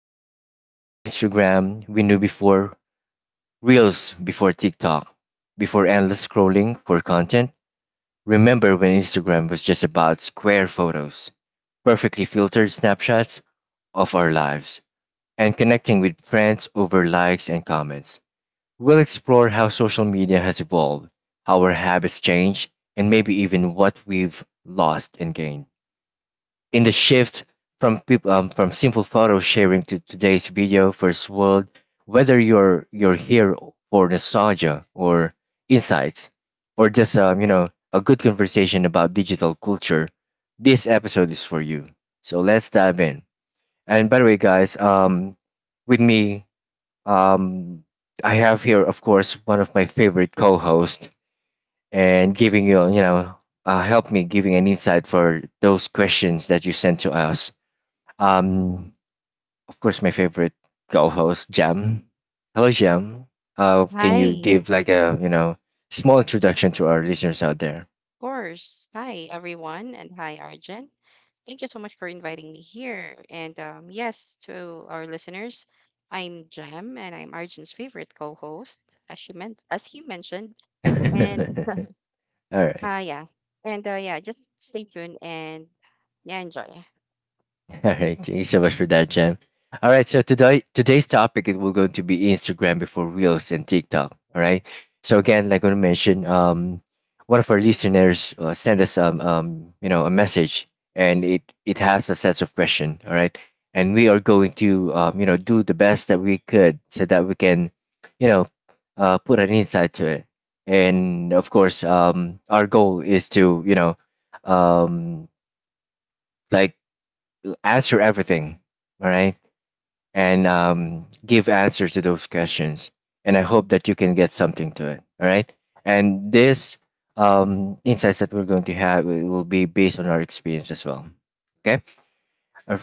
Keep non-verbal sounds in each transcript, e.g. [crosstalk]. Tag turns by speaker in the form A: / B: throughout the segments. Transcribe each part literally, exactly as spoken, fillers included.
A: lane to the Instagram we knew before, Reels before TikTok, before endless scrolling for content. Remember when Instagram was just about square photos, perfectly filtered snapshots of our lives, and connecting with friends over likes and comments. We'll explore how social media has evolved, how our habits change, and maybe even what we've lost and gained. In the shift from peop- um, from simple photo sharing to today's video first world, whether you're you're here for nostalgia or insights, or just um, you know a good conversation about digital culture, this episode is for you. So let's dive in. And by the way, guys, um, with me um, I have here, of course, one of my favorite co-hosts, and giving you, you know, uh, help me giving an insight for those questions that you sent to us. Um, of course, my favorite co-host, Jam. Hello, Jam. Uh, can you
B: Hi, of
A: give like a, you know, small introduction to our listeners out there?
B: course. Hi, everyone, and hi, Arjun. Thank you so much for inviting me here. And um, yes, to our listeners, I'm Jem, and I'm Arjun's favorite co-host, as she meant, as he mentioned. And [laughs]
A: [laughs] All right.
B: uh, yeah, and uh, yeah, just stay tuned and yeah, enjoy.
A: [laughs] All right, thank you so much for that, Jam. All right, so today today's topic it will going to be Instagram before Reels and TikTok. All right, so again, like I mentioned, um, one of our listeners uh, sent us um, um, you know, a message, and it it has a set of question. All right, and we are going to um, you know, do the best that we could so that we can, you know, uh, put an insight to it. And of course, um, our goal is to you know, um, like answer everything, all right, and um, give answers to those questions, and I hope that you can get something to it, all right. And this um, insights that we're going to have, it will be based on our experience as well. Okay. Uh,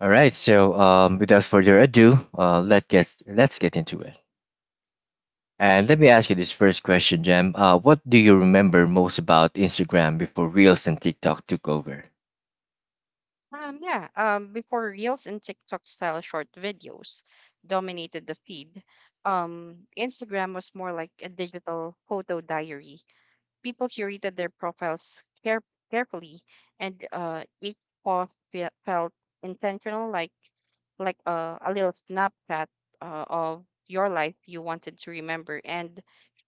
A: all right, so um, without further ado, uh, let get let's get into it. And let me ask you this first question, Jam. Uh, what do you remember most about Instagram before Reels and TikTok took over?
B: Um, yeah. Um, before Reels and TikTok style short videos dominated the feed, um, Instagram was more like a digital photo diary. People curated their profiles care- carefully, and uh, each post fe- felt intentional, like like uh, a little snapshot uh, of your life you wanted to remember and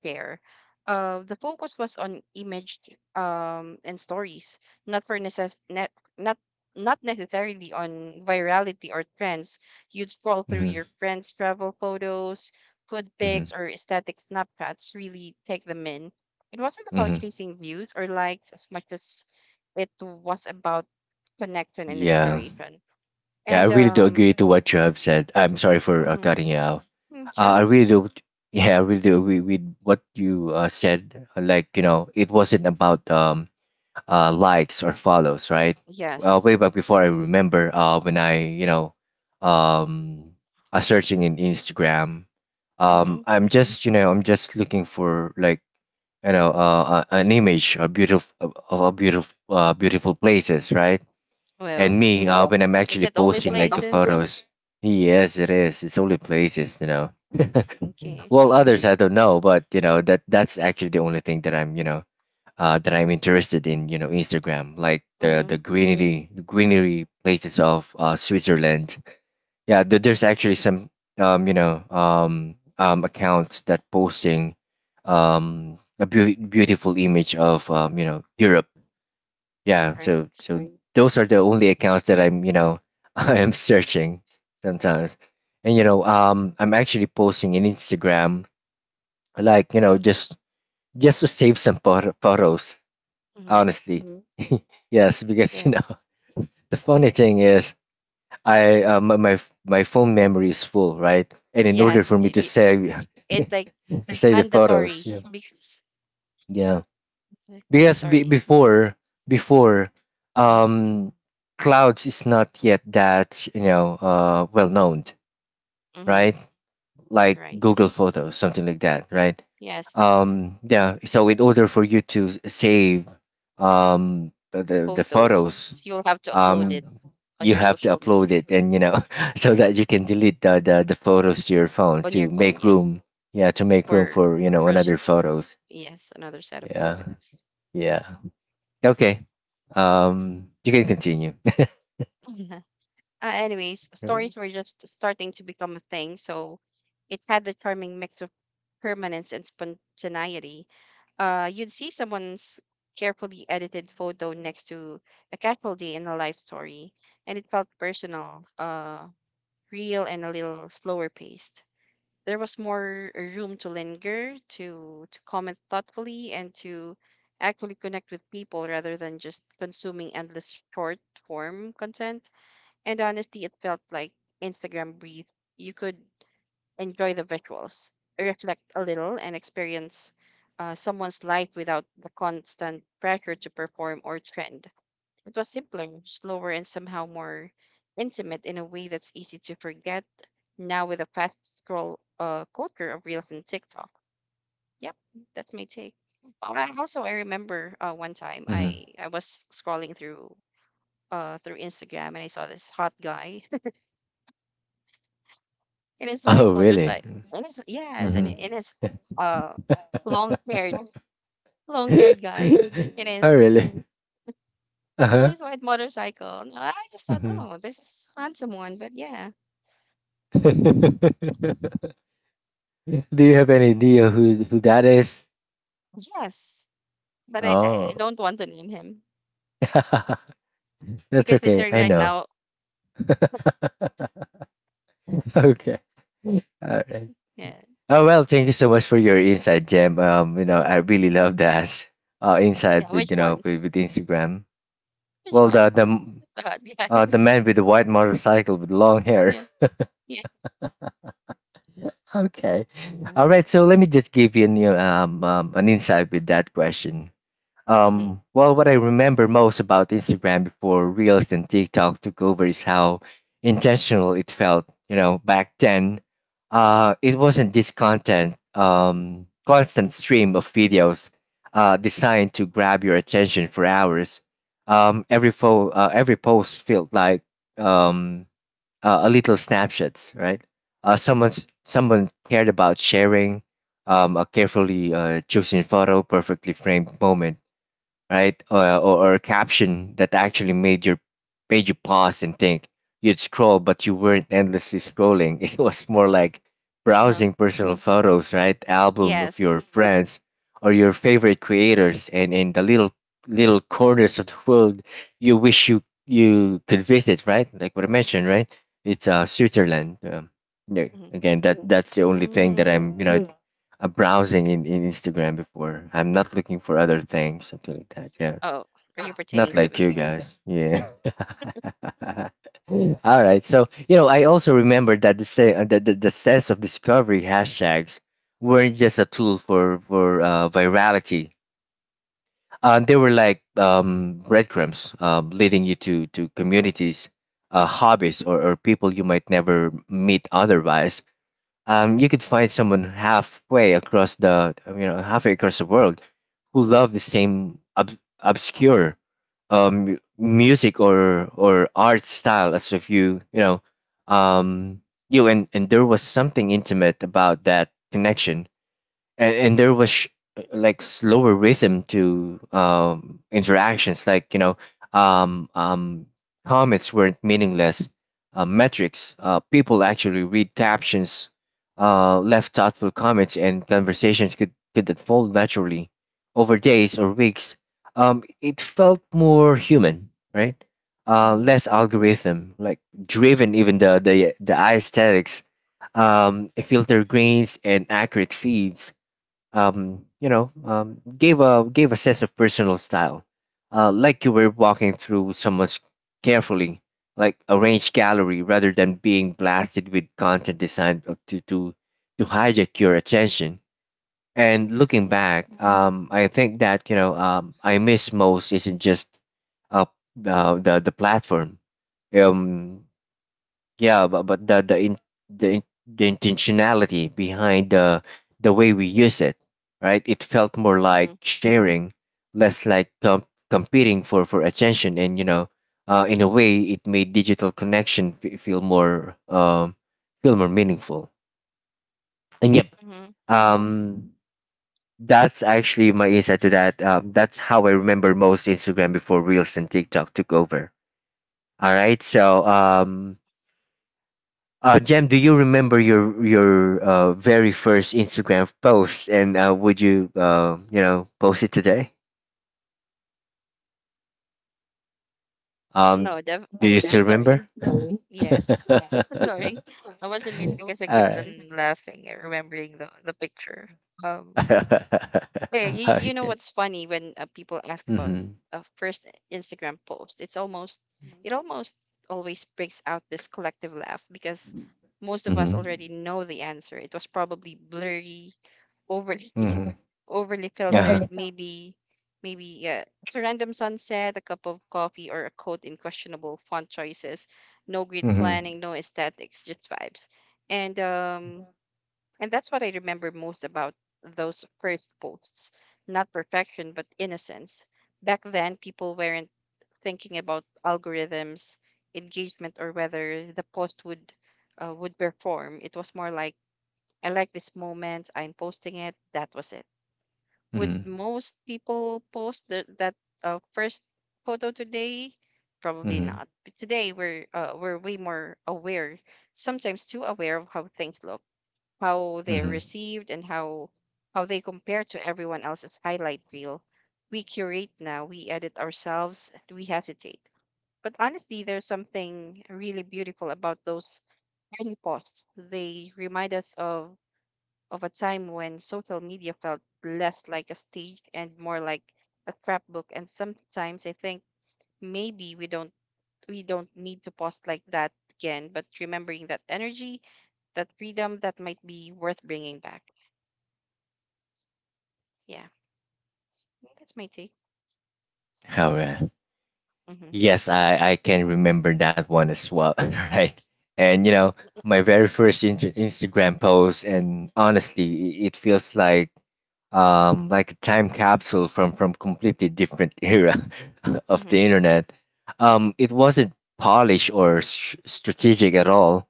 B: share. Uh, the focus was on image um, and stories, not for necess- net, not not necessarily on virality or trends. You'd scroll through
A: Mm-hmm.
B: your friends' travel photos, food
A: Mm-hmm.
B: pics, or aesthetic snapshots, really take them in. It wasn't about
A: Mm-hmm.
B: chasing views or likes as much as it was about connection and
A: Yeah.
B: inspiration.
A: Yeah, I
B: And
A: really do
B: um,
A: agree to what you have said. I'm sorry for uh,
B: Mhm.
A: cutting you off.
B: Mm, sure.
A: Uh, I really do. [laughs] Yeah, I really do agree with what you uh, said. Like you know, it wasn't about um uh likes or follows, right? Well, way
B: Yes.
A: back before, I remember uh when I you know um uh, searching in Instagram,
B: Mm-hmm.
A: um I'm just you know I'm just looking for like you know uh, uh, an image of beautiful of, of beautiful uh, beautiful places, right? And
B: Well,
A: me, uh, when I'm
B: is
A: actually
B: it only
A: posting like the
B: places?
A: photos. Yes, it is. It's only places, you know. [laughs]
B: Okay.
A: Well, others I don't know, but you know that that's actually the only thing that I'm, you know, uh, that I'm interested in. You know, Instagram, like the
B: Mm-hmm.
A: the greenery, the greenery places of uh, Switzerland. Yeah, th- there's actually some, um, you know, um, um, accounts that posting, um, a beau- beautiful image of, um, you know, Europe. Yeah, so
B: Right.
A: so those are the only accounts that I'm, you know [laughs] I am searching sometimes. And you know, um I'm actually posting in Instagram, like you know, just just to save some photo- photos
B: Mm-hmm.
A: honestly. Mhm. [laughs] Yes, because you know,
B: Yes,
A: [laughs] the funny thing is, I uh, my, my f- my phone memory is full, right, and in order for
B: yes.
A: me
B: It,
A: to
B: y-
A: save [laughs]
B: it's like
A: save the photos,
B: mandatory.
A: yeah,
B: Because
A: yeah.
B: like
A: Because be-
B: mandatory.
A: before, before
B: Mm-hmm.
A: um clouds is not yet that you know, uh well known,
B: Mm-hmm.
A: right, like Google
B: Right.
A: Photos, something like that, right.
B: Yes,
A: Um, yeah, so in order for you to s- save um the the, the photos,
B: photos. You'll have to upload
A: um
B: it on
A: you
B: your
A: have to
B: social media
A: upload it, and you know, [laughs] so that you can delete the, the the photos to your phone
B: on your
A: to
B: phone.
A: make
B: Yeah,
A: room. Yeah, to make room
B: for
A: for you know
B: for
A: another photos.
B: yes, another set of
A: Yeah.
B: photos.
A: Yeah. Okay. Um, you can continue. [laughs]
B: Mhm. Uh, anyways, stories were just starting to become a thing, so it had the charming mix of permanence and spontaneity. Uh, you'd see someone's carefully edited photo next to a casual day in a life story, and it felt personal, uh, real, and a little slower paced. There was more room to linger, to to comment thoughtfully, and to actually connect with people rather than just consuming endless short form content. And honestly, it felt like Instagram breathed. You could enjoy the visuals, reflect a little, and experience uh, someone's life without the constant pressure to perform or trend. It was simpler, slower, and somehow more intimate in a way that's easy to forget now with a fast scroll uh, culture of Reels and TikTok. Yep, that's my take. Well, I also I remember uh, one time
A: Mhm.
B: I I was scrolling through uh through Instagram and I saw this hot guy [laughs] in his white
A: Oh, really?
B: motorcycle and his yes, and
A: Mm-hmm.
B: in his uh long haired long haired guy in
A: [laughs] Oh,
B: his
A: really? Uh
B: on
A: huh.
B: his white motorcycle. And I just thought,
A: Hmm.
B: oh, this is handsome one, but yeah,
A: [laughs] Do you have any idea who who that is?
B: yes. But I, I
A: Oh,
B: don't want to name him.
A: [laughs]
B: If
A: that's
B: he's
A: okay.
B: listening
A: I
B: right
A: know.
B: now,
A: [laughs] Okay. All right.
B: yeah.
A: Oh well, thank you so much for your insight, Jem. Um, you know, I
B: Hmm.
A: really love that uh
B: Yeah,
A: insight with
B: which
A: you know
B: one?
A: with, with Instagram.
B: Which
A: Well, the
B: one?
A: the m-
B: [laughs] The hot guy.
A: uh, the
B: [laughs]
A: man with the white motorcycle with long hair.
B: Yeah.
A: [laughs]
B: Yeah.
A: Okay. All right. So let me just give you an, you know, um, um, an insight with that question.
B: Mm-hmm.
A: Um, well, what I remember most about Instagram before Reels and TikTok took over is how intentional it felt. You know, back then, uh, it wasn't this content, um, constant stream of videos, uh, designed to grab your attention for hours. Um, every fo- uh, every post felt like um uh, a little snapshots, right? Uh, someone's someone cared about sharing um, a carefully uh, chosen photo, perfectly framed moment, right? Uh, or, or a caption that actually made your made you pause and think. You'd scroll, but you weren't endlessly scrolling. [laughs] It was more like
B: Uh-huh.
A: browsing personal photos, right? Album of
B: Yes.
A: your friends or your favorite creators, and in the little little corners of the world you wish you you could visit, right? Like what I mentioned, right? It's uh Switzerland. Um, yeah,
B: Mm-hmm.
A: again, that that's the only thing that
B: Mm.
A: I'm you know uh, browsing in, in Instagram before. I'm not looking for other things, something like that. Yeah.
B: Oh, are you
A: Not
B: pertaining to
A: like you
B: me?
A: guys. Yeah. [laughs] All right. So, you know, I also remember that the, say, uh, the, the, the sense of discovery hashtags weren't just a tool for, for uh, virality. Uh, they were like um, breadcrumbs um, leading you to, to communities, uh, hobbies, or, or people you might never meet otherwise. Um, you could find someone halfway across the um, you know halfway across the world who love the same ob- obscure um, mu- music or or art style as if you you know, um, you, and and there was something intimate about that connection. and, and there was sh- like slower rhythm to um interactions, like you know, um um comments weren't meaningless uh, metrics. Uh, people actually read captions, uh left thoughtful comments, and conversations could could unfold naturally over days or weeks. Um, it felt more human, right? Uh,
B: Mm-hmm.
A: less algorithm like driven. Even the the the aesthetics, um filter grains and accurate feeds, um, you know, um, gave a gave a sense of personal style, uh, like you were walking through someone's carefully, like, arranged gallery, rather than being blasted with content designed uh, to to to hijack your attention. And looking
B: Mm-hmm.
A: back, Mhm, um, I think that you know, um, I miss most isn't just uh, uh the the platform. Um, yeah, but, but the the in, the in, the intentionality behind the the way we use it, right. It felt more
B: Mm-hmm.
A: like sharing, less like com- competing for for attention, and you know, uh, in a way it made digital connection f- feel more um feel more meaningful. And yep,
B: Mm-hmm.
A: um that's actually my insight to that. Uh, that's how I remember most Instagram before Reels and TikTok took over. All right, so um uh, Jem, do you remember your your uh, very first Instagram post, and uh, would you uh, you know post it today? Um,
B: No, def-
A: do you still remember?
B: sorry. Yes.
A: [laughs]
B: [laughs]
A: All
B: Sorry. I wasn't mute because I kept
A: right.
B: on laughing and remembering the, the picture. Um. Hey, you,
A: [laughs]
B: you know
A: Okay.
B: what's funny when uh, people ask about
A: Mhm.
B: a first Instagram post? It's almost, it almost always brings out this collective laugh because most of us
A: Mhm.
B: already know the answer. It was probably blurry, overly [laughs]
A: Mhm.
B: overly
A: Uh-huh.
B: filtered, maybe, maybe uh, it's a random sunset, a cup of coffee, or a quote in questionable font choices. No grid
A: Mhm.
B: planning, no aesthetics, just vibes. And um and that's what I remember most about those first posts. Not perfection, but innocence. Back then, people weren't thinking about algorithms, engagement, or whether the post would uh, would perform. It was more like, I like this moment, I'm posting it, that was it.
A: Mhm.
B: Would most people post the, that uh, first photo today? Probably
A: Mhm.
B: not. But today, we're, uh, we're way more aware, sometimes too aware of how things look, how they're
A: Mhm.
B: received, and how how they compare to everyone else's highlight reel. We curate now, we edit ourselves, we hesitate. But honestly, there's something really beautiful about those early posts. They remind us of of a time when social media felt less like a stage and more like a scrapbook. And sometimes I think maybe we don't we don't need to post like that again, but remembering that energy, that freedom, that might be worth bringing back. Yeah. That's my take.
A: All right.
B: Mm-hmm.
A: Yes, I, I can remember that one as well, [laughs] right? And you know, my very first inter- Instagram post, and honestly, i- it feels like um like a time capsule from from completely different [laughs] era of the
B: Mm-hmm.
A: internet. Um, it wasn't polished or s strategic at all.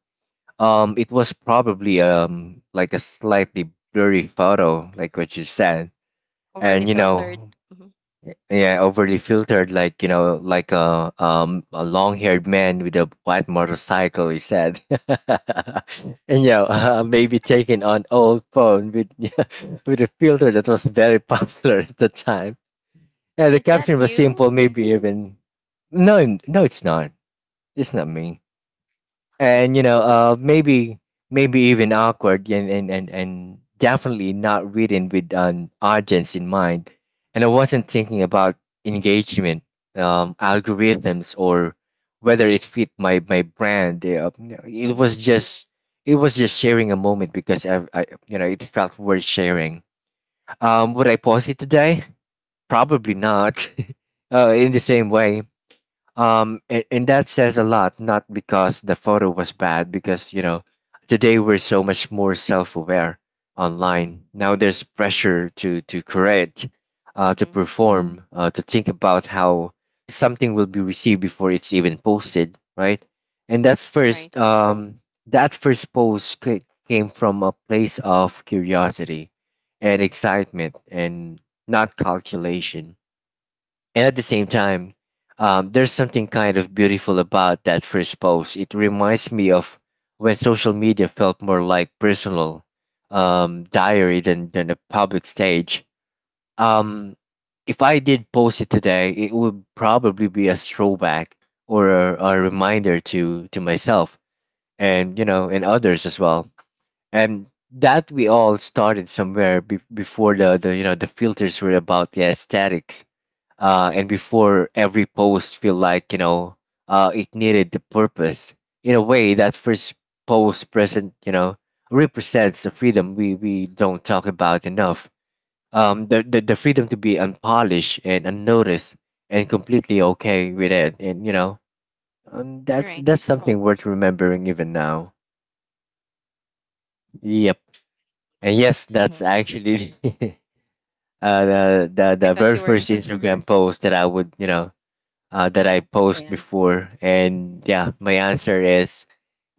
A: Um, it was probably um like a slightly blurry photo, like what you said,
B: Overly
A: and you know.
B: filtered. Mm-hmm.
A: Yeah, overly filtered, like you know, like a um a long-haired man with a white motorcycle. He said, [laughs] and yeah, uh, [laughs] maybe
B: Yeah.
A: taking on old phone with [laughs] with a filter that was very [laughs] popular at the time. And the
B: Is that
A: caption was
B: you?
A: simple, maybe even no, no, it's not. It's not me and you know uh maybe maybe even awkward and and and, and definitely not written with an audience in mind, and I wasn't thinking about engagement, um algorithms, or whether it fit my my brand. Uh, no, it
B: Mm-hmm.
A: was just it was just sharing a moment because I, I you know it felt worth sharing. Um would I post it today? Probably not [laughs] uh in the same way. Um and, and that says a lot, not because the photo was bad, because you know today we're so much more self-aware online. Now there's pressure to to create, uh, to
B: Mm-hmm.
A: perform, uh, to think about how something will be received before it's even posted, right? and that's first
B: Right.
A: um that first post ca- came from a place of curiosity and excitement, and not calculation. And at the same time, um, there's something kind of beautiful about that first post. It reminds me of when social media felt more like personal um, diary than, than a public stage. Um, if I did post it today, it would probably be a throwback, or a, a reminder to, to myself and you know and others as well. And that we all started somewhere be- before the, the you know the filters were about the aesthetics, uh, and before every post feel like, you know uh, it needed the purpose. In a way, that first post present you know represents the freedom we, we don't talk about enough, um, the, the, the freedom to be unpolished and unnoticed and completely okay with it. And you know um, That's that's
B: Right.
A: something worth remembering even now. Yep. And
B: Mm-hmm.
A: yes, that's actually [laughs] uh, the, the
B: I
A: the
B: thought
A: very
B: you
A: first
B: were.
A: Instagram post that I would, you know uh, that I
B: Yeah.
A: posed before. And yeah, my answer is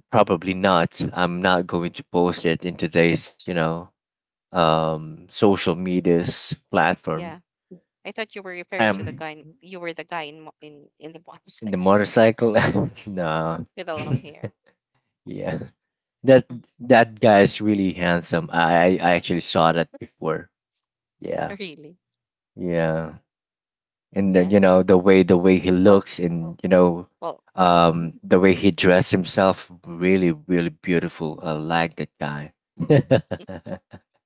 A: probably not. I'm not going to post it in today's, you know, um, social media's platform.
B: Yeah. I thought you were referring to the
A: Um,
B: guy. In, you were the guy in mo- in in the bottom [laughs]
A: in the
B: side
A: motorcycle, [laughs] no,
B: with the long hair.
A: [laughs] yeah, that
B: Mm.
A: that guy is really handsome. I I I actually saw that before. Yeah,
B: [laughs] Really?
A: yeah. And the, you
B: Yeah.
A: know the way the way he
B: Well.
A: looks, and you know
B: Well. Hmm.
A: um the way he dressed himself, really, really beautiful. I like that guy. [laughs]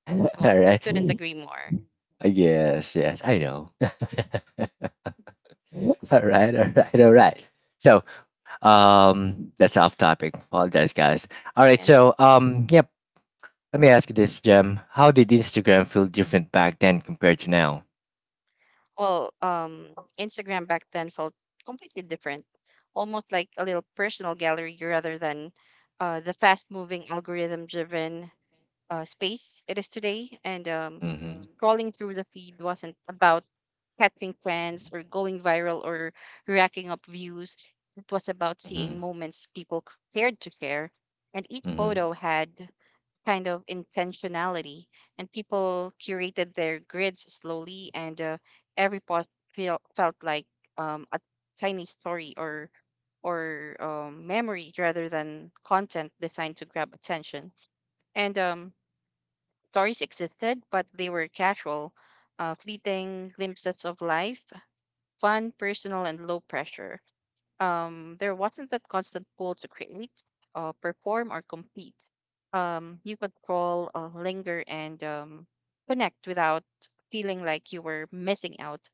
A: All
B: Well. I
A: right.
B: couldn't agree more.
A: Yes, yes, I know. [laughs] All right, all right, all right. So, um that's off topic, apologize guys. All right,
B: Yeah.
A: so, um yep, let me ask you this, Jem. How did Instagram feel different back then compared to now?
B: Well, um, Instagram back then felt completely different, almost like a little personal gallery rather than uh, the fast moving algorithm driven uh, space it is today. And um,
A: Mm-hmm.
B: scrolling through the feed wasn't about catching trends or going viral or racking up views. It was about seeing
A: Mm-hmm.
B: moments people c- cared to share. And each
A: Mm-hmm.
B: photo had kind of intentionality, and people curated their grids slowly, and uh, every post feel, felt like um, a tiny story or, or um, memory rather than content designed to grab attention. And um, Stories existed, but they were casual, uh, fleeting glimpses of life, fun, personal, and low pressure um, There wasn't that constant pull to create, uh, perform, or compete. Um, you could crawl, uh, linger, and um, connect without feeling like you were missing out.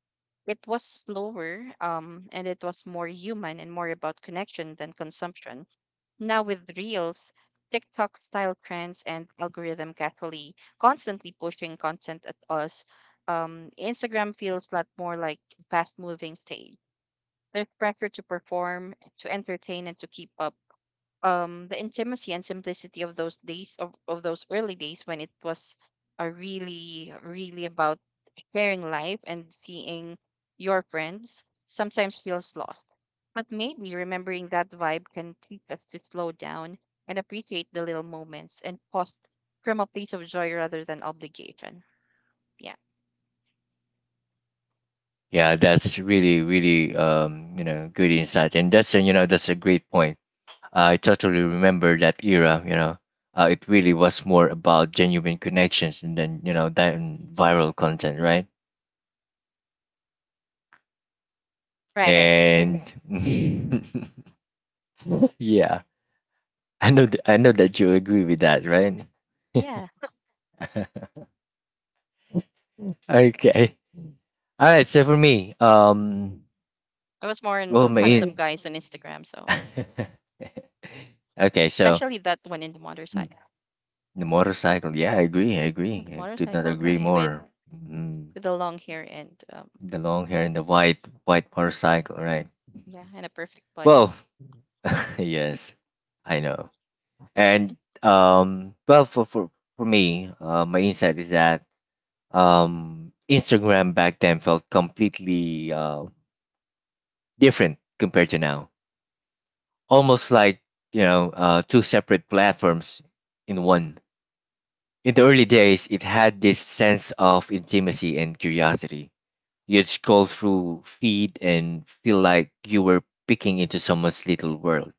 B: It was slower, um, and it was more human and more about connection than consumption. Now with Reels, TikTok style trends and algorithm casually constantly pushing content at us, um, Instagram feels a lot more like fast moving stage. There's pressure to perform, to entertain, and to keep up. Um, the intimacy and simplicity of those days of, of those early days, when it was uh, really, really about sharing life and seeing your friends, sometimes feels lost. But maybe remembering that vibe can teach us to slow down and appreciate the little moments and post from a place of joy rather than obligation. Yeah.
A: Yeah, that's really, really, um, you know, good insight, and that's a, you know, that's a great point. I totally remember that era. You know, uh, it really was more about genuine connections, and then, you know, than viral content, right?
B: Right, right.
A: And [laughs] yeah, I know, th- I know that you agree with that, right?
B: Yeah.
A: [laughs] Okay, all right. So for me, um,
B: I was more in
A: well, my.
B: handsome guys on Instagram, so
A: [laughs] Okay, so.
B: especially that one in the
A: Hmm,
B: motorcycle,
A: the motorcycle. Yeah, I agree. I agree.
B: the
A: I could not
B: motorcycle
A: agree
B: guy with
A: more. Mm,
B: with the long hair, and um,
A: the long hair and the white white motorcycle, right?
B: yeah, and a perfect body.
A: Well, [laughs] yes, I know. And um, well, for for for me, uh, my insight is that, um, Instagram back then felt completely uh different compared to now. Almost like, you know, uh, two separate platforms in one. In the early days, it had this sense of intimacy and curiosity. You'd scroll through feed and feel like you were peeking into someone's little world,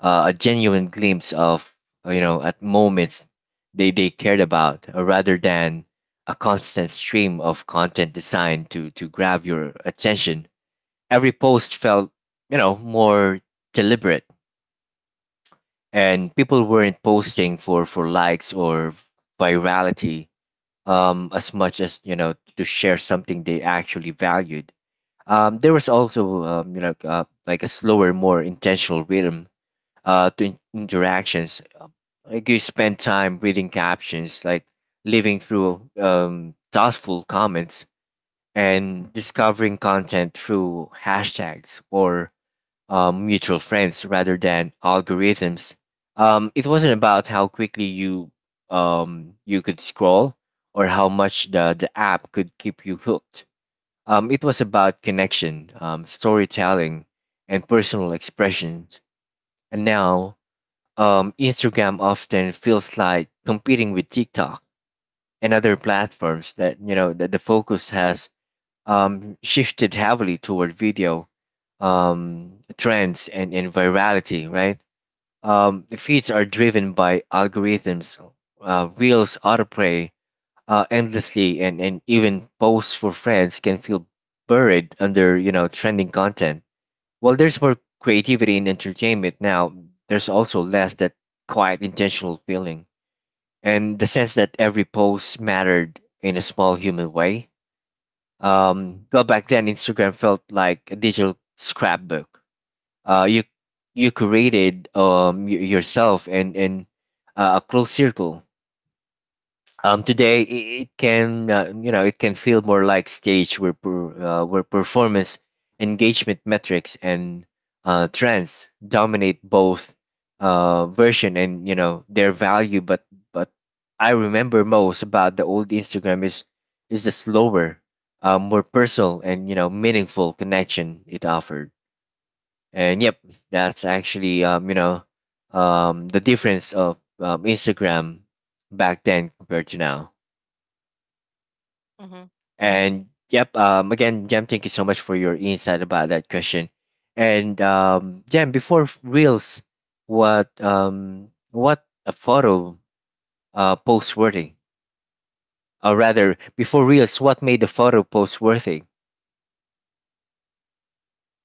A: uh, a genuine glimpse of, uh, you know at moments they they cared about, uh, rather than a constant stream of content designed to to grab your attention. Every post felt, you know more deliberate, and people weren't posting for for likes or virality, um as much as, you know to share something they actually valued. Um, there was also, um, you know uh, like a slower, more intentional rhythm, uh, to in- interactions. Um, Like you spend time reading captions, like living through, um, thoughtful comments, and discovering content through hashtags or, um, mutual friends rather than algorithms. Um, it wasn't about how quickly you um, you could scroll, or how much the, the app could keep you hooked. Um, it was about connection, um, storytelling, and personal expression. And now, um, Instagram often feels like competing with TikTok and other platforms, that you know that the focus has, um, shifted heavily toward video, um, trends, and, and virality. Right, um, the feeds are driven by algorithms, uh, reels, autoplay, uh, endlessly, and and even posts for friends can feel buried under you know trending content. While there's more creativity in entertainment now, there's also less that quiet intentional feeling, and the sense that every post mattered in a small human way. Um, well, back then Instagram felt like a digital scrapbook. Uh, you you created, um y- yourself, and and uh, a close circle. Um, today, i- it can, uh, you know it can feel more like stage where per, uh, where performance, engagement metrics, and, uh, trends dominate both, uh, version and, you know their value. But but I remember most about the old Instagram is is the slower, uh, more personal, and you know meaningful connection it offered. And yep, that's actually, um, you know um, the difference of, um, Instagram back then compared to now.
B: Mm-hmm.
A: And yep, um, again, Jam, thank you so much for your insight about that question. And um, Jam, before f- reels, what um, what a photo, uh, post worthy, or rather, before reels, what made the photo post worthy?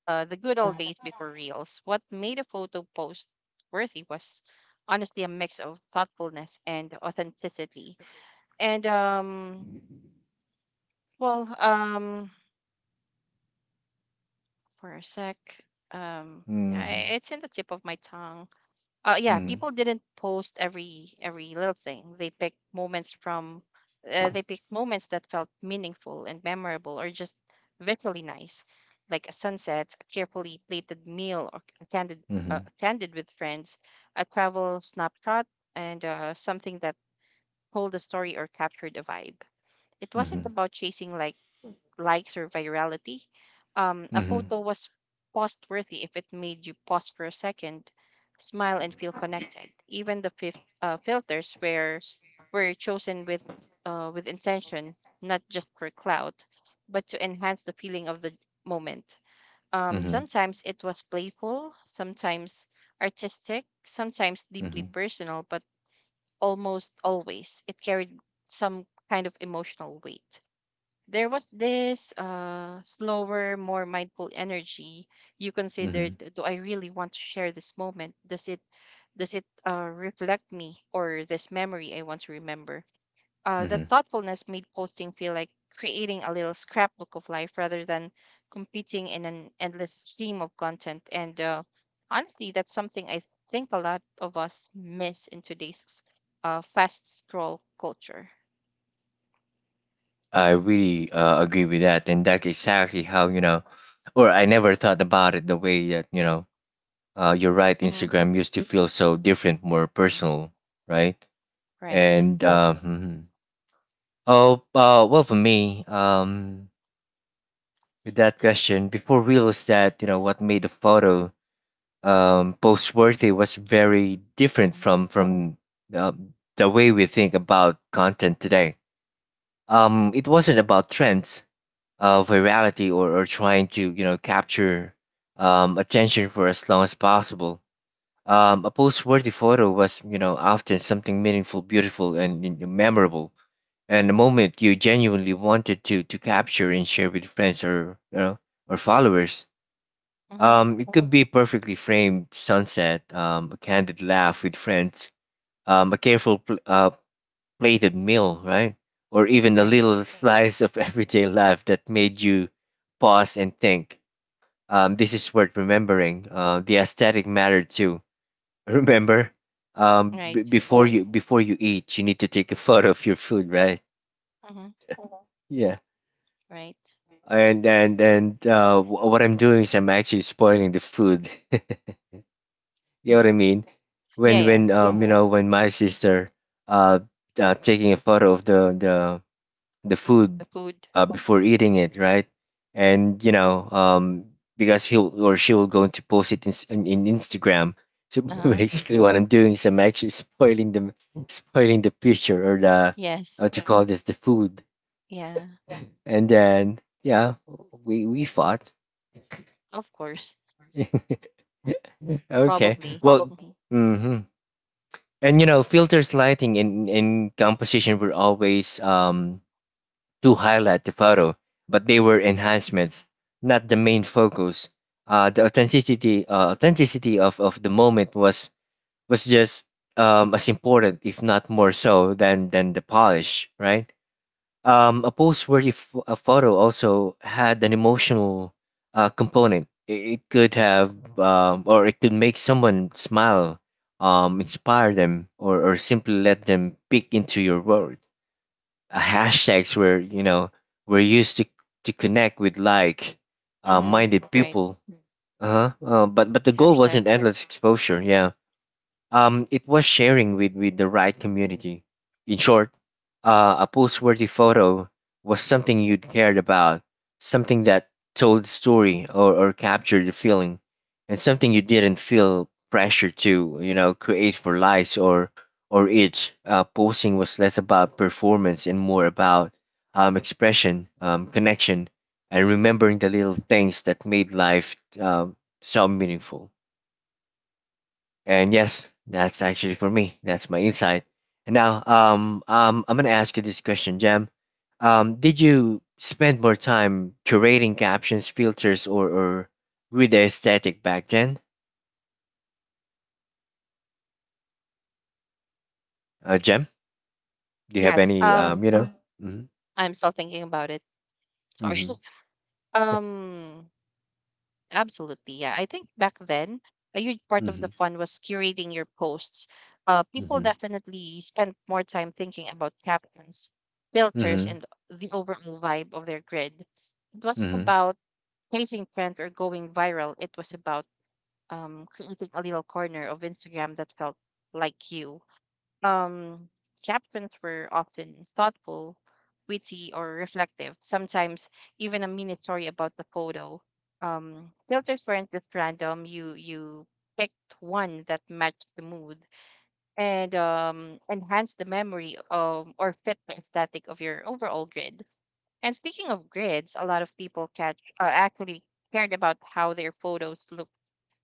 B: Uh, the good old days before reels. What made a photo post worthy was honestly a mix of thoughtfulness and authenticity. And um, well, um, for a sec, um, yeah,
A: Mm-hmm.
B: i- it's in the tip of my tongue. Uh yeah,
A: Mm-hmm.
B: people didn't post every every little thing. They picked moments from uh, they picked moments that felt meaningful and memorable, or just visually nice, like a sunset, a carefully plated meal, or a candid
A: Mm-hmm.
B: uh, a candid with friends, a travel snapshot, and uh, something that told a story or captured a vibe. It wasn't about chasing like likes or virality. Um, a
A: Mm-hmm.
B: photo was post worthy if it made you pause for a second, smile, and feel connected. Even the fif- uh, filters were were chosen with, uh, with intention, not just for clout, but to enhance the feeling of the moment. Um,
A: Mm-hmm. Mm-hmm.
B: sometimes it was playful, sometimes artistic, sometimes deeply
A: Mm-hmm.
B: personal, but almost always it carried some kind of emotional weight. There was this uh, slower, more mindful energy. You
A: Mm-hmm.
B: considered, do I really want to share this moment? Does it does it uh, reflect me or this memory I want to remember? Uh, that
A: Mm-hmm.
B: thoughtfulness made posting feel like creating a little scrapbook of life rather than competing in an endless stream of content. And uh, honestly, that's something I think a lot of us miss in today's uh, fast scroll culture.
A: I
B: Hmm.
A: really, uh, agree with that, and that's exactly how, you know, or I never thought about it the way that, you know uh, you're right.
B: Hmm.
A: Instagram used to feel so different, more personal, right?
B: Right.
A: And uh, mhm. Oh, uh, well, for me, um, with that question, before real that, you know what made a photo, um, post worthy was very different
B: Mm-mm.
A: from from uh, the way we think about content today. Um, it wasn't about trends, uh, virality, or or trying to, you know capture, um, attention for as long as possible. Um, a post-worthy photo was, you know, often something meaningful, beautiful, and, you know, memorable, and a moment you genuinely wanted to to capture and share with friends, or, you know or followers.
B: Mhm.
A: Um, it could be perfectly framed sunset, um, a candid laugh with friends, um, a careful pl- uh, plated meal, right? Or even a little
B: Right.
A: slice of [laughs] everyday life that made you pause and think. Um, this is worth remembering. Uh, the aesthetic mattered too. Remember, um, b-
B: Right.
A: before you, before you eat, you need to take a photo of your food, right?
B: Mm-hmm.
A: Yeah.
B: Right.
A: And and and uh, wh- what I'm doing is I'm actually spoiling the food. [laughs] You know
B: Mm.
A: what I mean? When
B: Yeah, yeah.
A: when um you Yeah. Know when my sister, uh, uh taking a photo of the the the food,
B: The food.
A: uh, before eating it, right? And you know, um, because he will, or she will going to post it in, s- in, in Instagram. So [laughs]
B: Uh-huh.
A: basically, what I'm doing is I'm actually spoiling the spoiling the picture, or the, uh,
B: Yes.
A: what you call this, the food,
B: Yeah.
A: and then yeah, we we fought.
B: Of course.
A: [laughs] Okay,
B: Probably.
A: well,
B: Mm-hmm.
A: hmm. And you know, filters, lighting, and and composition were always, um to highlight the photo, but they were enhancements, not the main focus. Uh, the authenticity uh, authenticity of, of the moment was was just, um, as important, if not more so, than than the polish, right? Um, a post worthy f- a photo also had an emotional, uh, component. It, it could have, um, or it could make someone smile, um, inspire them, or, or simply let them peek into your world. Uh, hashtags were, you know were used to to connect with like, uh,
B: Mm-hmm.
A: minded
B: Right.
A: people. Uh-huh. Uh, but but the goal wasn't
B: Hashtags.
A: endless exposure. Yeah. Um, it was sharing with, with the right community. In short, uh, a post-worthy photo was something you'd cared about, something that told the story, or, or captured the feeling, and something you didn't feel pressure to, you know, create for likes, or or itch. Uh, posting was less about performance and more about, um, expression, um, connection, and remembering the little things that made life, um, so meaningful. And yes, that's actually for me. That's my insight. And now, um, um, I'm gonna ask you this question, Jam. Um, did you spend more time curating captions, filters, or or with the aesthetic back then, uh, Jam? Do you have
B: Yes.
A: any, um,
B: Um,
A: you know? Mm-hmm.
B: I'm still thinking about it. Sorry.
A: Mm-hmm.
B: [laughs] um, Absolutely. Yeah. I think back then, a huge
A: [laughs]
B: part of the
A: Mm-hmm.
B: fun was curating your posts. Uh, people
A: Mm-hmm.
B: definitely spent more time thinking about captions, filters,
A: Mm-hmm.
B: and the overall vibe of their grid. It was
A: Mm-hmm.
B: about chasing trends or going viral. It was about um, creating a little corner of Instagram that felt like you. Um, Captions were often thoughtful, witty, or reflective, sometimes even a mini story about the photo. Um, filters weren't just random. You you picked one that matched the mood and um, enhanced the memory, um, or fit the aesthetic of your overall grid. And speaking of grids, a lot of people catch uh, actually cared about how their photos look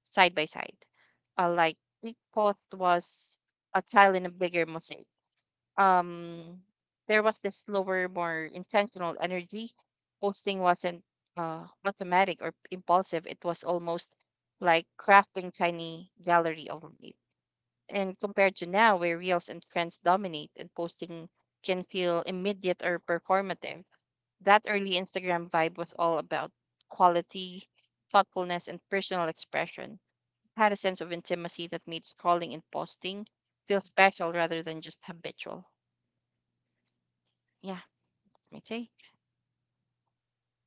B: side by side. Uh, like we post was a tile in a bigger mosaic. Um, there was this slower, more intentional energy. Posting wasn't uh, automatic or impulsive. It was almost like crafting tiny gallery of life. And compared to now, where reels and trends dominate, and posting can feel immediate or performative, that early Instagram vibe was all about quality, thoughtfulness, and personal expression. It had a sense of intimacy that made scrolling and posting feel special rather than just habitual. Yeah, my take.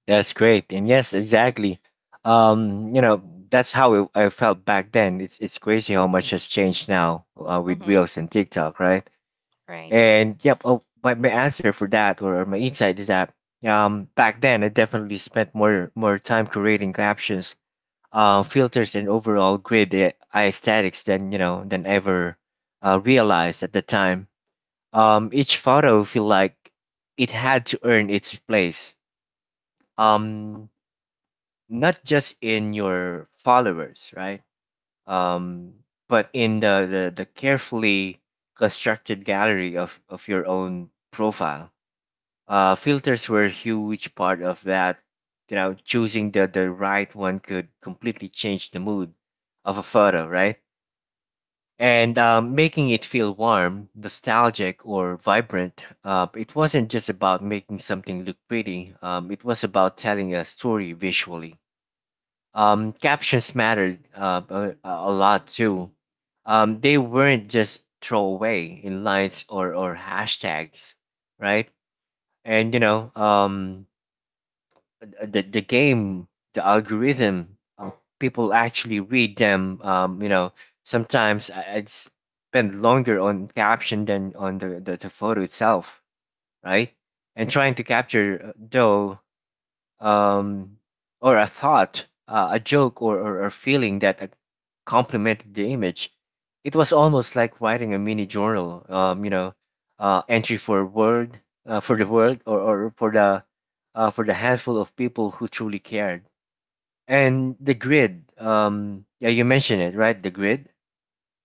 A: That's great. And yes, exactly. Um, you know, that's how it, I felt back then. It's it's crazy how much has changed now, uh, with
B: Mm-hmm.
A: Reels and TikTok, right?
B: Right.
A: And yep, oh, my, my answer for that, or my insight is that, um back then I definitely spent more more time creating captions, uh, filters, and overall grid a- aesthetics than, you know than ever, uh, realized at the time. Um, each photo feel like it had to earn its place. Um, not just in your followers, right? Um, but in the the, the carefully constructed gallery of of your own profile. Uh, filters were a huge part of that. You know, choosing the, the right one could completely change the mood of a photo, right? And um, making it feel warm, nostalgic, or vibrant. Uh, it wasn't just about making something look pretty, um, it was about telling a story visually. Um, captions mattered, uh, a, a lot too. Um, they weren't just throwaway in lines, or, or hashtags, right? And you know, um, uh, the the game, The algorithm, uh, people actually read them. Um, you know, sometimes I, I spend longer on caption than on the, the the photo itself, right? And trying to capture uh, though um, or a thought, uh, a joke, or, or a feeling that ac- complemented the image. It was almost like writing a mini journal, um, you know, uh, entry for word, uh, for the world, or, or for the uh, for the handful of people who truly cared. And the grid, um, yeah, you mentioned it, right? The grid,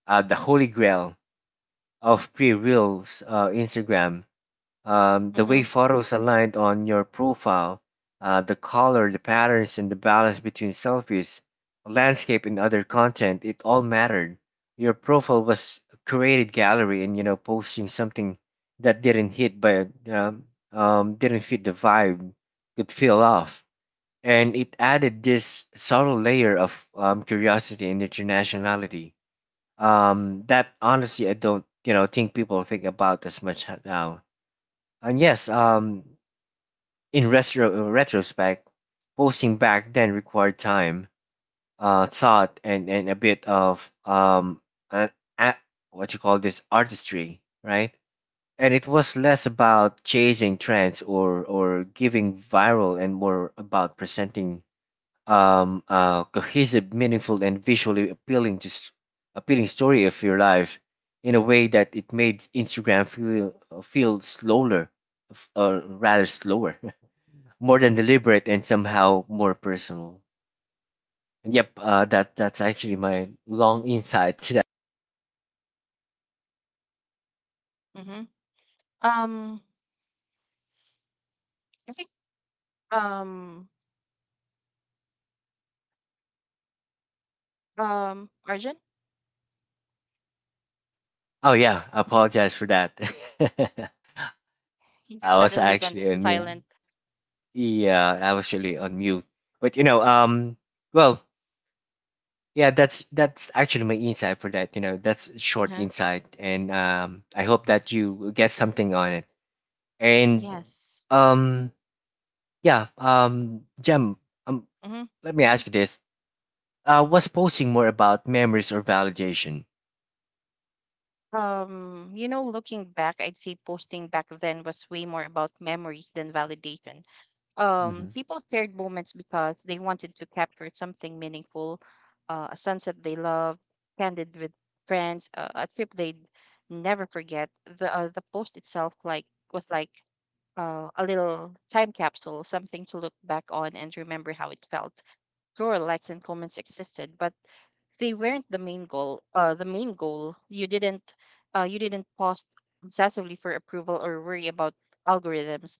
A: uh, the holy grail of pre-reels, uh, Instagram, um, the way
B: Mm-hmm.
A: photos aligned on your profile, uh, the color, the patterns, and the balance between selfies, landscape, and other content, it all mattered. Your profile was a curated gallery, and you know, posting something that didn't hit by um, um, didn't fit the vibe could feel off. And it added this subtle layer of um, curiosity and internationality, um, that honestly I don't you know think people think about as much now. And yes, um, in retro uh, retrospect, posting back then required time, uh, thought, and and a bit of um, uh, a, what you call this artistry, right? And it was less about chasing trends or or giving viral, and more about presenting um, uh, cohesive, meaningful, and visually appealing to s- appealing story of your life in a way that it made Instagram feel uh, feel slower, f- uh, rather slower, [laughs] more than deliberate and somehow more personal. And yep, uh, that that's actually my long insight to that.
B: Mm-hmm. Um, I think, um um Arjun,
A: Oh yeah, I apologize for that. [laughs]
B: you
A: I was
B: suddenly went
A: actually on mute.
B: silent.
A: Yeah, I was actually on mute. But you know, um, well, Yeah, that's that's actually my insight for that. You know, that's short
B: Mm-hmm.
A: insight, and um, I hope that you get something on it. And
B: Yes.
A: um, yeah, um, Jem, um,
B: Mm-hmm.
A: let me ask you this: uh, was posting more about memories or validation?
B: Um, you know, looking back, I'd say posting back then was way more about memories than validation Um,
A: Hmm.
B: People shared moments because they wanted to capture something meaningful, uh, a sunset they loved, candid with friends, uh, a trip they'd never forget. The uh, the post itself like was like uh, a little time capsule, something to look back on and remember how it felt. Sure, likes and comments existed, but they weren't the main goal. Uh, the main goal you didn't uh, you didn't post obsessively for approval or worry about algorithms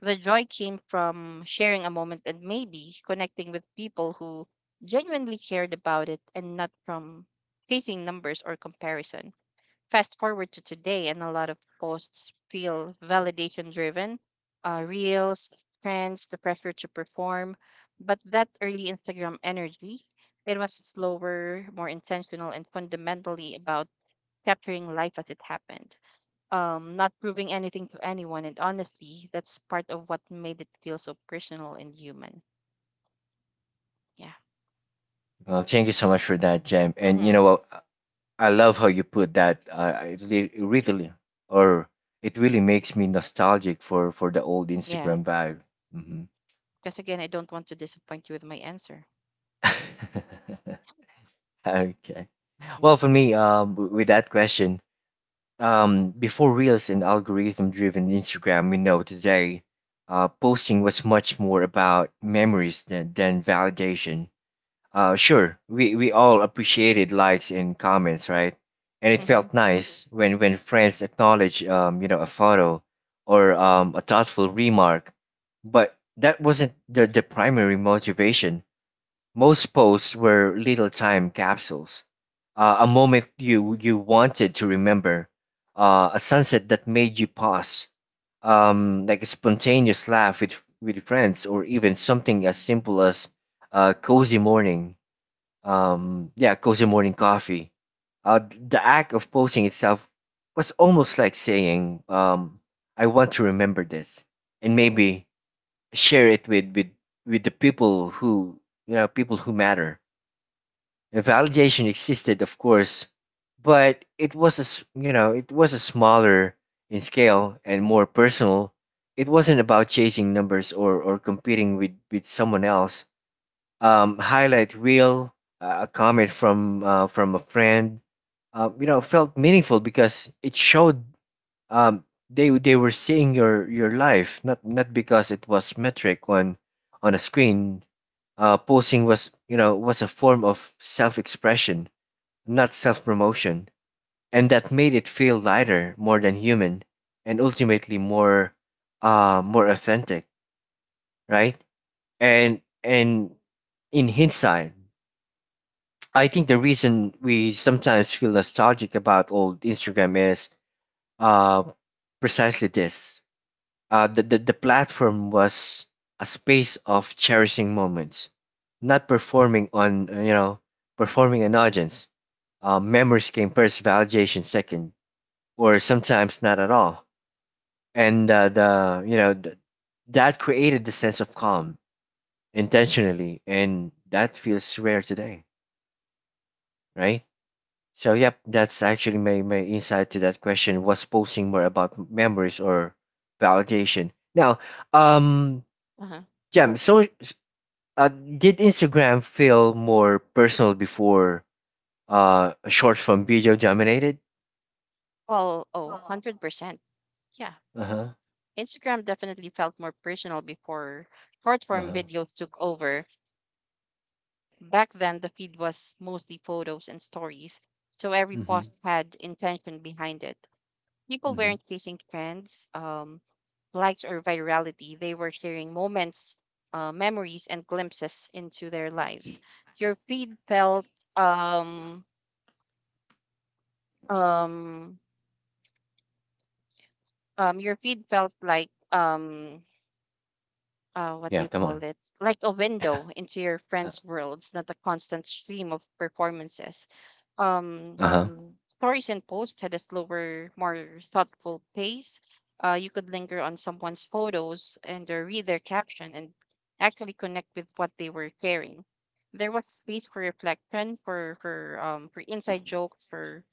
B: The joy came from sharing a moment and maybe connecting with people who genuinely cared about it, and not from chasing numbers or comparison. Fast forward to today, and a lot of posts feel validation driven, uh, reels, trends, the pressure to perform. But that early Instagram energy, it was slower, more intentional, and fundamentally about capturing life as it happened, um, not proving anything to anyone. And honestly, that's part of what made it feel so personal and human. Yeah.
A: Well, thank you so much for that, Jem. And you
B: Mm-hmm.
A: know what? I love how you put that. Uh, it re- it really, or it really makes me nostalgic for for the old
B: Yeah.
A: Instagram vibe. Hmm.
B: Because again, I don't want to disappoint you with my answer.
A: [laughs] Okay. Well, for me, uh, w- with that question, um, before Reels and algorithm-driven Instagram, we know today, uh, posting was much more about memories than, than validation. Uh, sure, we, we all appreciated likes and comments, right? And it
B: Mm-hmm.
A: felt nice when, when friends acknowledged, um, you know, a photo or um, a thoughtful remark. But that wasn't the, the primary motivation. Most posts were little time capsules, uh, a moment you you wanted to remember, uh, a sunset that made you pause, um, like a spontaneous laugh with with friends, or even something as simple as a cozy morning, um, yeah, cozy morning coffee. Uh, th- the act of posting itself was almost like saying, um, "I want to remember this," and maybe share it with with with the people who you know people who matter. And validation existed, of course, but it was a s- you know it was a smaller in scale and more personal. It wasn't about chasing numbers or or competing with with someone else. Um, highlight reel, uh, a comment from uh, from a friend, uh, you know, felt meaningful because it showed um they they were seeing your your life, not not because it was metric on on a screen. Uh posting was, you know was a form of self-expression, not self-promotion, and that made it feel lighter, more than human, and ultimately more, uh more authentic, right? And and in hindsight, I think the reason we sometimes feel nostalgic about old Instagram is, uh precisely this. Uh, the, the, the platform was a space of cherishing moments, not performing on, uh, you know, performing an audience. Uh, memories came first, validation second, or sometimes not at all. And uh, the, you know, th- that created the sense of calm intentionally, and that feels rare today, right? So yep, that's actually my, my insight to that question: was posting more about memories or validation. Now, um,
B: Uh-huh.
A: Jam, so, Uh, did Instagram feel more personal before uh short form video dominated?
B: Well, oh, one hundred percent. Yeah.
A: Uh huh.
B: Instagram definitely felt more personal before short
A: Uh
B: form
A: huh.
B: videos took over. Back then, the feed was mostly photos and stories, so every
A: Mhm.
B: post had intention behind it. People
A: Mhm.
B: weren't chasing trends, um, likes or virality. They were sharing moments, uh, memories, and glimpses into their lives. Your feed felt um um um your feed felt like um uh what do
A: Yeah.
B: you
A: Come
B: call
A: on.
B: it? Like a window into your friends' worlds, not a constant stream of performances. Um
A: Uh huh.
B: Stories and posts had a slower, more thoughtful pace. Uh, you could linger on someone's photos and uh, read their caption and actually connect with what they were sharing. There was space for reflection, for for um for inside joke, for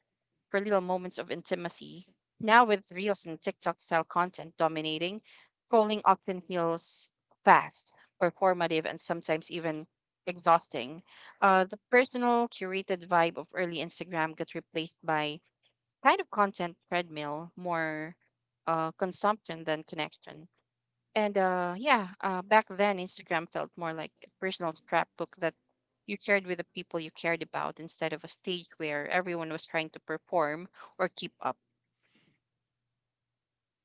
B: for little moments of intimacy. Now with reels and TikTok style content dominating, scrolling often feels fast, performative, and sometimes even exhausting. Uh, the personal curated vibe of early Instagram got replaced by kind of content treadmill, more uh, consumption than connection. And uh, yeah, uh, back then Instagram felt more like a personal scrapbook that you shared with the people you cared about instead of a stage where everyone was trying to perform or keep up.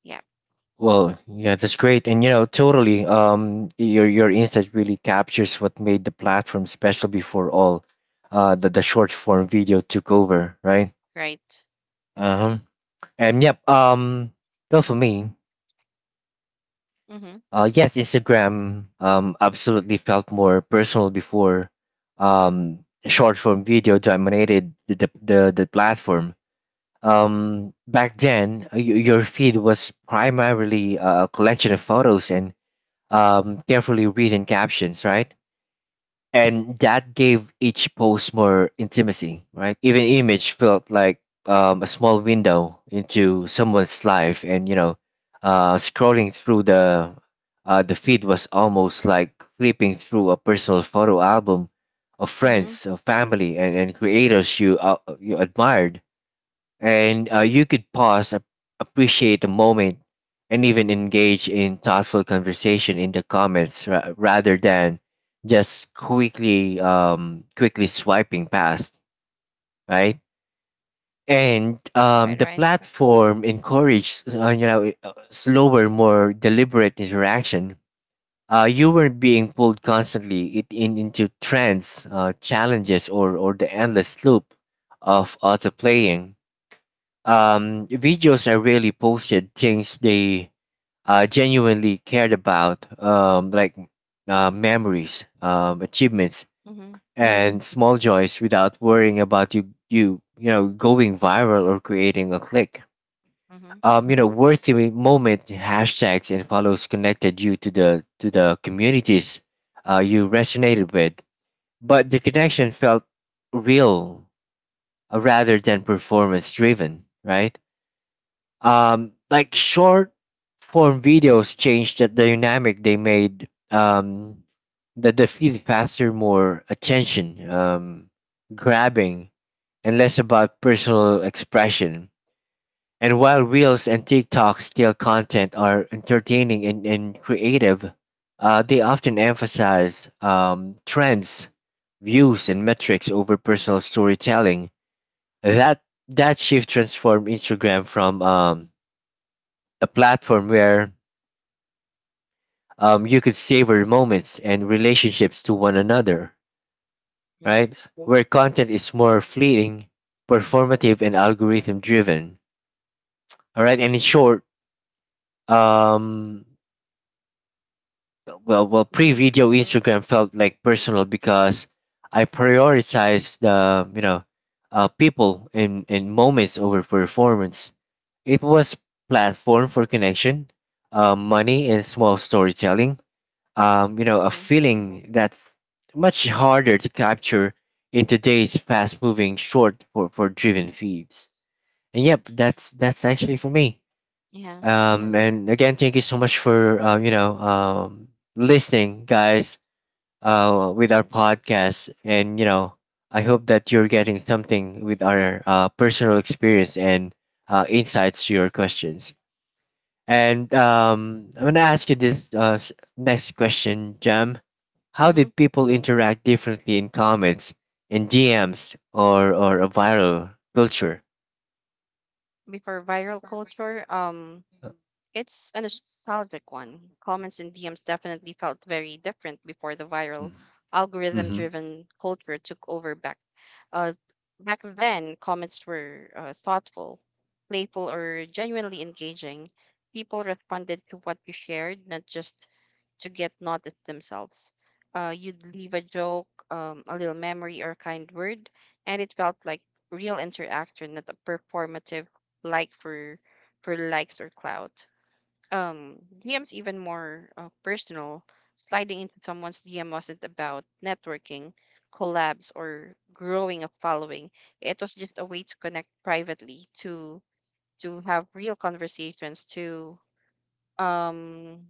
B: Yeah,
A: Well, yeah, that's great, and you know, totally. Um, your your insight really captures what made the platform special before all, uh, the the short form video took over, right?
B: right.
A: Uh huh. And yep. Um, well, for me.
B: Mhm.
A: Uh, yes, Instagram um, absolutely felt more personal before um, short form video dominated the, the, the, the platform. Um, back then, uh, y- your feed was primarily uh, a collection of photos and um, carefully written captions, right? And that gave each post more intimacy, right? Even image felt like um, a small window into someone's life. And you know, uh, scrolling through the, uh, the feed was almost like flipping through a personal photo album of
B: Mhm.
A: friends, of family, and, and creators you, uh, you admired. And uh, you could pause, ap- appreciate the moment, and even engage in thoughtful conversation in the comments ra- rather than just quickly, um, quickly swiping past, right? And um,
B: Right.
A: the
B: Right.
A: platform encourages uh, you know uh, slower, more deliberate interaction. Uh, you weren't being pulled constantly it, in, into trends, uh, challenges, or, or the endless loop of autoplaying um, videos. I really posted things they uh, genuinely cared about, um, like uh, memories, um, achievements,
B: Mhm.
A: and small joys without worrying about you you you know going viral or creating a click.
B: Mhm.
A: Um, you know, worthy moment hashtags and follows connected you to the to the communities uh, you resonated with, but the connection felt real uh, rather than performance driven, right? Um, like short form videos changed the dynamic. They made um the the feed faster, more attention um grabbing, and less about personal expression. And while reels and TikTok style content are entertaining and, and creative, uh, they often emphasize um, trends, views, and metrics over personal storytelling. that that shift transformed Instagram from, um, a platform where um, you could savor moments and relationships to one another, right?
B: Right.
A: Where content is more fleeting, performative, and algorithm driven. All right, and in short, um, well, well,
B: Mhm.
A: pre-video Instagram felt like personal because I prioritized the, you know uh, people and and moments over performance. It was platform for connection, uh, money, and small storytelling, um, you know, a
B: Mhm.
A: feeling that's much harder to capture in today's fast-moving, short for, for driven feeds. And yep, that's that's actually for me.
B: Yeah.
A: Um, and again, thank you so much for uh, you know um, listening, guys, uh, with our podcast. And you know, I hope that you're getting something with our uh, personal experience and uh, insights to your questions. And um, I'm gonna ask you this uh, s- next question, Jam. How
B: Mhm.
A: did people interact differently in comments, in D Ms, or or a viral culture?
B: Before viral culture, um, it's a nostalgic one. Comments and D Ms definitely felt very different before the viral algorithm
A: Mm-hmm.
B: driven culture took over. back uh, Back then comments were uh, thoughtful, playful or genuinely engaging. People responded to what you shared, not just to get noticed themselves. Uh, you'd leave a joke, um, a little memory or a kind word, and it felt like real interaction, not a performative like for for likes or clout. um D M's even more uh, personal. Sliding into someone's D M wasn't about networking, collabs, or growing a following. It was just a way to connect privately, to to have real conversations, to um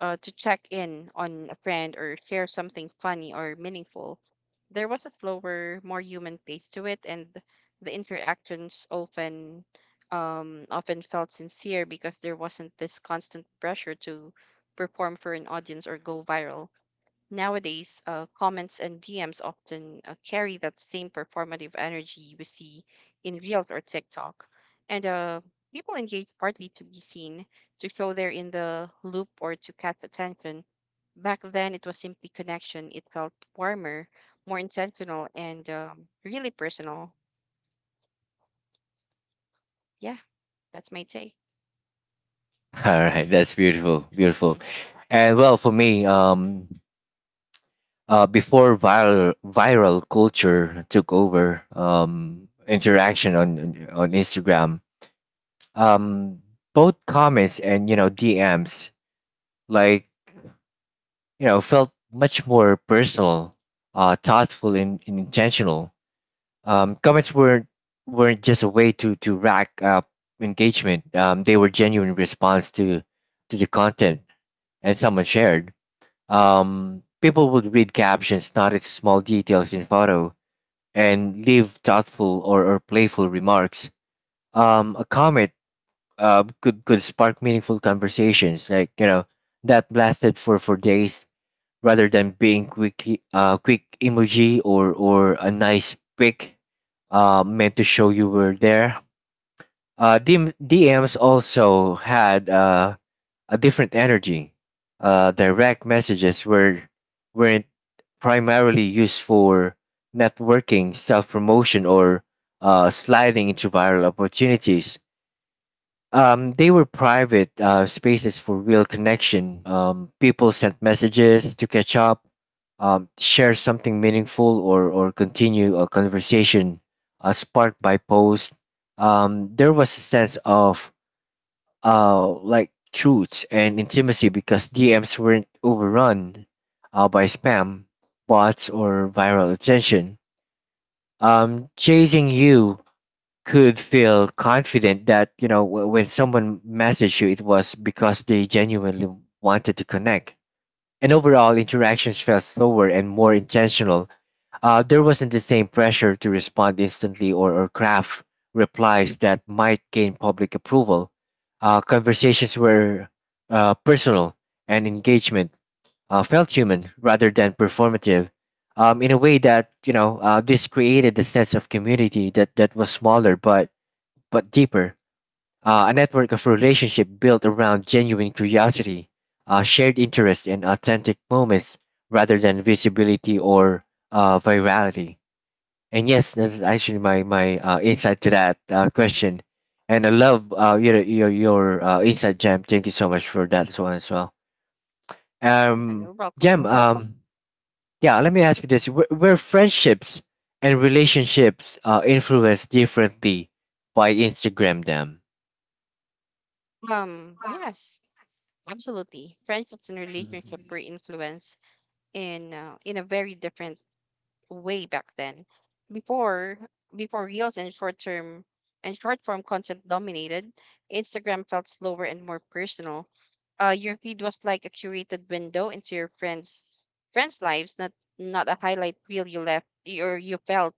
B: uh, to check in on a friend or share something funny or meaningful. There was a slower, more human pace to it, and the interactions often um, often felt sincere because there wasn't this constant pressure to perform for an audience or go viral. Nowadays, uh, comments and D Ms often uh, carry that same performative energy we see in Reels or TikTok. And uh, People engage partly to be seen, to show they're in the loop, or to catch attention. Back then, it was simply connection. It felt warmer, more intentional, and um, really personal. Yeah, that's my take.
A: [laughs] All right, that's beautiful, beautiful.
B: [laughs]
A: And well, for me, um, uh, before viral viral culture took over, um, interaction on on on Instagram, um, both comments and you know D Ms, like you know, felt much more personal, uh, thoughtful and, and intentional. Um, comments weren't weren't just a way to to rack up engagement. Um, they were genuine response to to the content and someone shared. Um, people would read captions, notice small details in photo, and leave thoughtful or, or playful remarks. Um, a comment uh, could could spark meaningful conversations, like you know that lasted for for days, rather than being quick, uh, quick emoji or or a nice pic uh, meant to show you were there. Uh, D M, D Ms also had uh, a different energy. Uh, direct messages were weren't primarily used for networking, self promotion, or uh, sliding into viral opportunities. Um, they were private uh, spaces for real connection. Um, people sent messages to catch up, um, share something meaningful, or or continue a conversation uh, sparked by posts. Um, there was a sense of, uh, like truths and intimacy because D Ms weren't overrun uh, by spam, bots, or viral attention. Um, chasing you could feel confident that you know w- when someone messaged you, it was because they genuinely wanted to connect. And overall interactions felt slower and more intentional. Uh, there wasn't the same pressure to respond instantly or, or craft replies that might gain public approval. Uh, conversations were uh, personal, and engagement uh, felt human rather than performative, um, in a way that, you know uh, this created a sense of community that, that was smaller but but deeper, uh, a network of relationships built around genuine curiosity, uh, shared interest, and authentic moments, rather than visibility or, uh, virality. And yes, that's actually my my uh, insight to that uh, question. And I love uh, your your your uh, insight, Jam. Thank you so much for that one as well.
B: Yeah,
A: Um,
B: you're welcome.
A: Jam. Um, yeah. Let me ask you this: Were, were friendships and relationships uh, influenced differently by Instagram? Jam.
B: Um, yes, absolutely. Friendships and relationships were influenced in uh, in a very different way back then. Before before reels and short term and short form content dominated, Instagram felt slower and more personal. Uh, your feed was like a curated window into your friends friends' lives, not not a highlight reel you left or you felt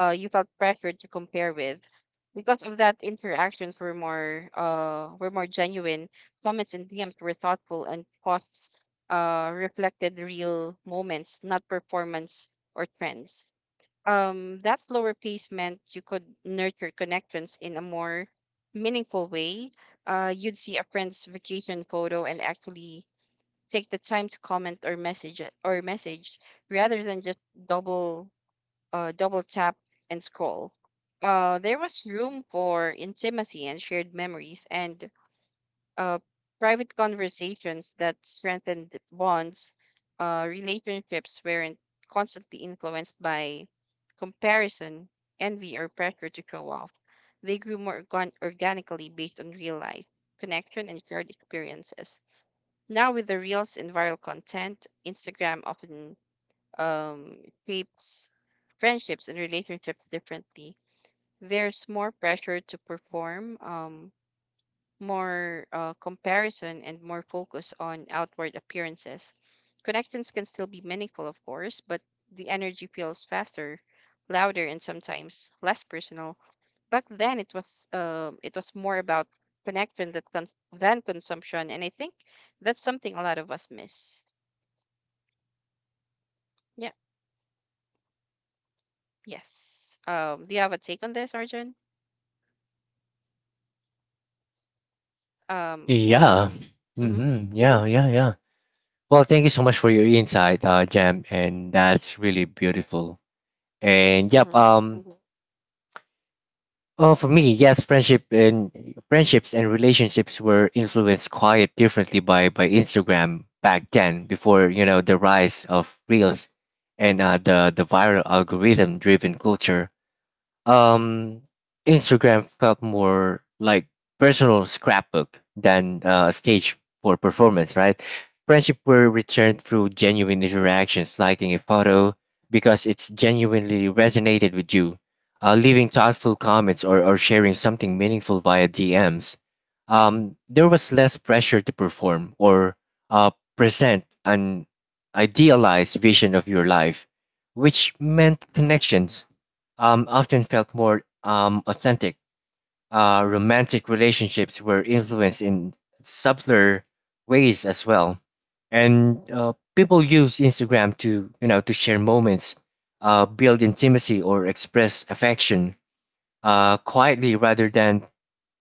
B: uh, you felt pressured to compare with. Because of that, interactions were more uh were more genuine. Comments and D Ms were thoughtful, and posts uh, reflected real moments, not performance or trends. Um, that slower pace meant you could nurture connections in a more meaningful way. Uh, you'd see a friend's vacation photo and actually take the time to comment or message it or message rather than just double uh, double tap and scroll. Uh, there was room for intimacy and shared memories, and uh, private conversations that strengthened bonds. Uh, relationships weren't constantly influenced by comparison, envy, or pressure to show off. They grew more organ- organically based on real life, connection, and shared experiences. Now, with the reels and viral content, Instagram often um, shapes friendships and relationships differently. There's more pressure to perform, um, more uh, comparison and more focus on outward appearances. Connections can still be meaningful, of course, but the energy feels faster, louder, and sometimes less personal. Back then, it was um it was more about connection that cons- than consumption, and I think that's something a lot of us miss. Yeah. Yes. Um. Do you have a take on this, Arjun? Um.
A: Yeah.
B: Mhm.
A: hmm Yeah, yeah, yeah. Well, thank you so much for your insight, uh, Jam, and that's really beautiful. And yep,
B: Mhm.
A: um, Mhm. oh, for me, yes, friendship and friendships and relationships were influenced quite differently by by Instagram back then, before you know the rise of reels and uh, the the viral algorithm driven culture. Um, Instagram felt more like personal scrapbook than uh, a stage for performance, right? Friendship were returned through genuine interactions, liking a photo because it's genuinely resonated with you, uh, leaving thoughtful comments or, or sharing something meaningful via D Ms. Um, there was less pressure to perform or uh, present an idealized vision of your life, which meant connections um, often felt more um, authentic. Uh, romantic relationships were influenced in subtler ways as well, and uh, people use Instagram to you know to share moments, uh, build intimacy, or express affection uh, quietly rather than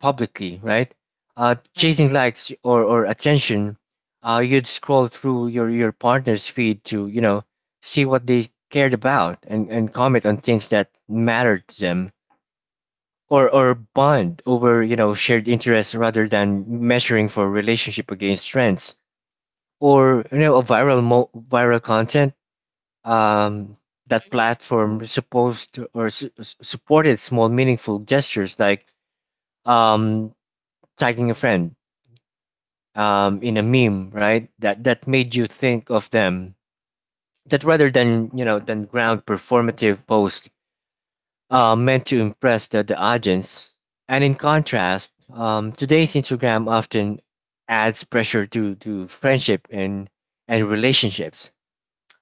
A: publicly, right? Uh, chasing
B: Right.
A: likes or, or attention, uh, you'd scroll through your, your partner's feed to, you know, see what they cared about and, and comment on things that mattered to them or, or bond over, you know, shared interests rather than measuring for relationship against trends or, you know, a viral, mo- viral content. Um, that
B: Mhm.
A: platform supposed to- or su- supported small meaningful gestures like um, tagging a friend um, in a meme, right? That that made you think of them. That rather than you know than ground performative post uh, meant to impress the, the audience. And in contrast, um, today's Instagram often adds pressure to to friendship and and relationships.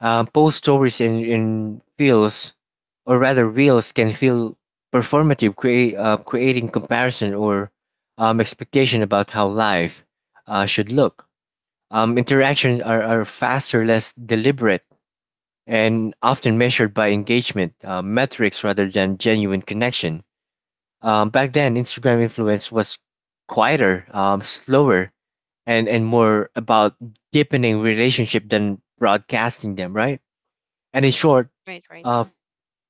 A: Uh, post stories in, in reels, or rather Reels can feel performative, create, uh, creating comparison or um, expectation about how life uh, should look. Um, interactions are, are faster, less deliberate, and often measured by engagement uh, metrics rather than genuine connection. Um, back then, Instagram influence was quieter, um, slower, and and more about deepening relationship than broadcasting them, right? And in short,
B: Right. Right.
A: uh,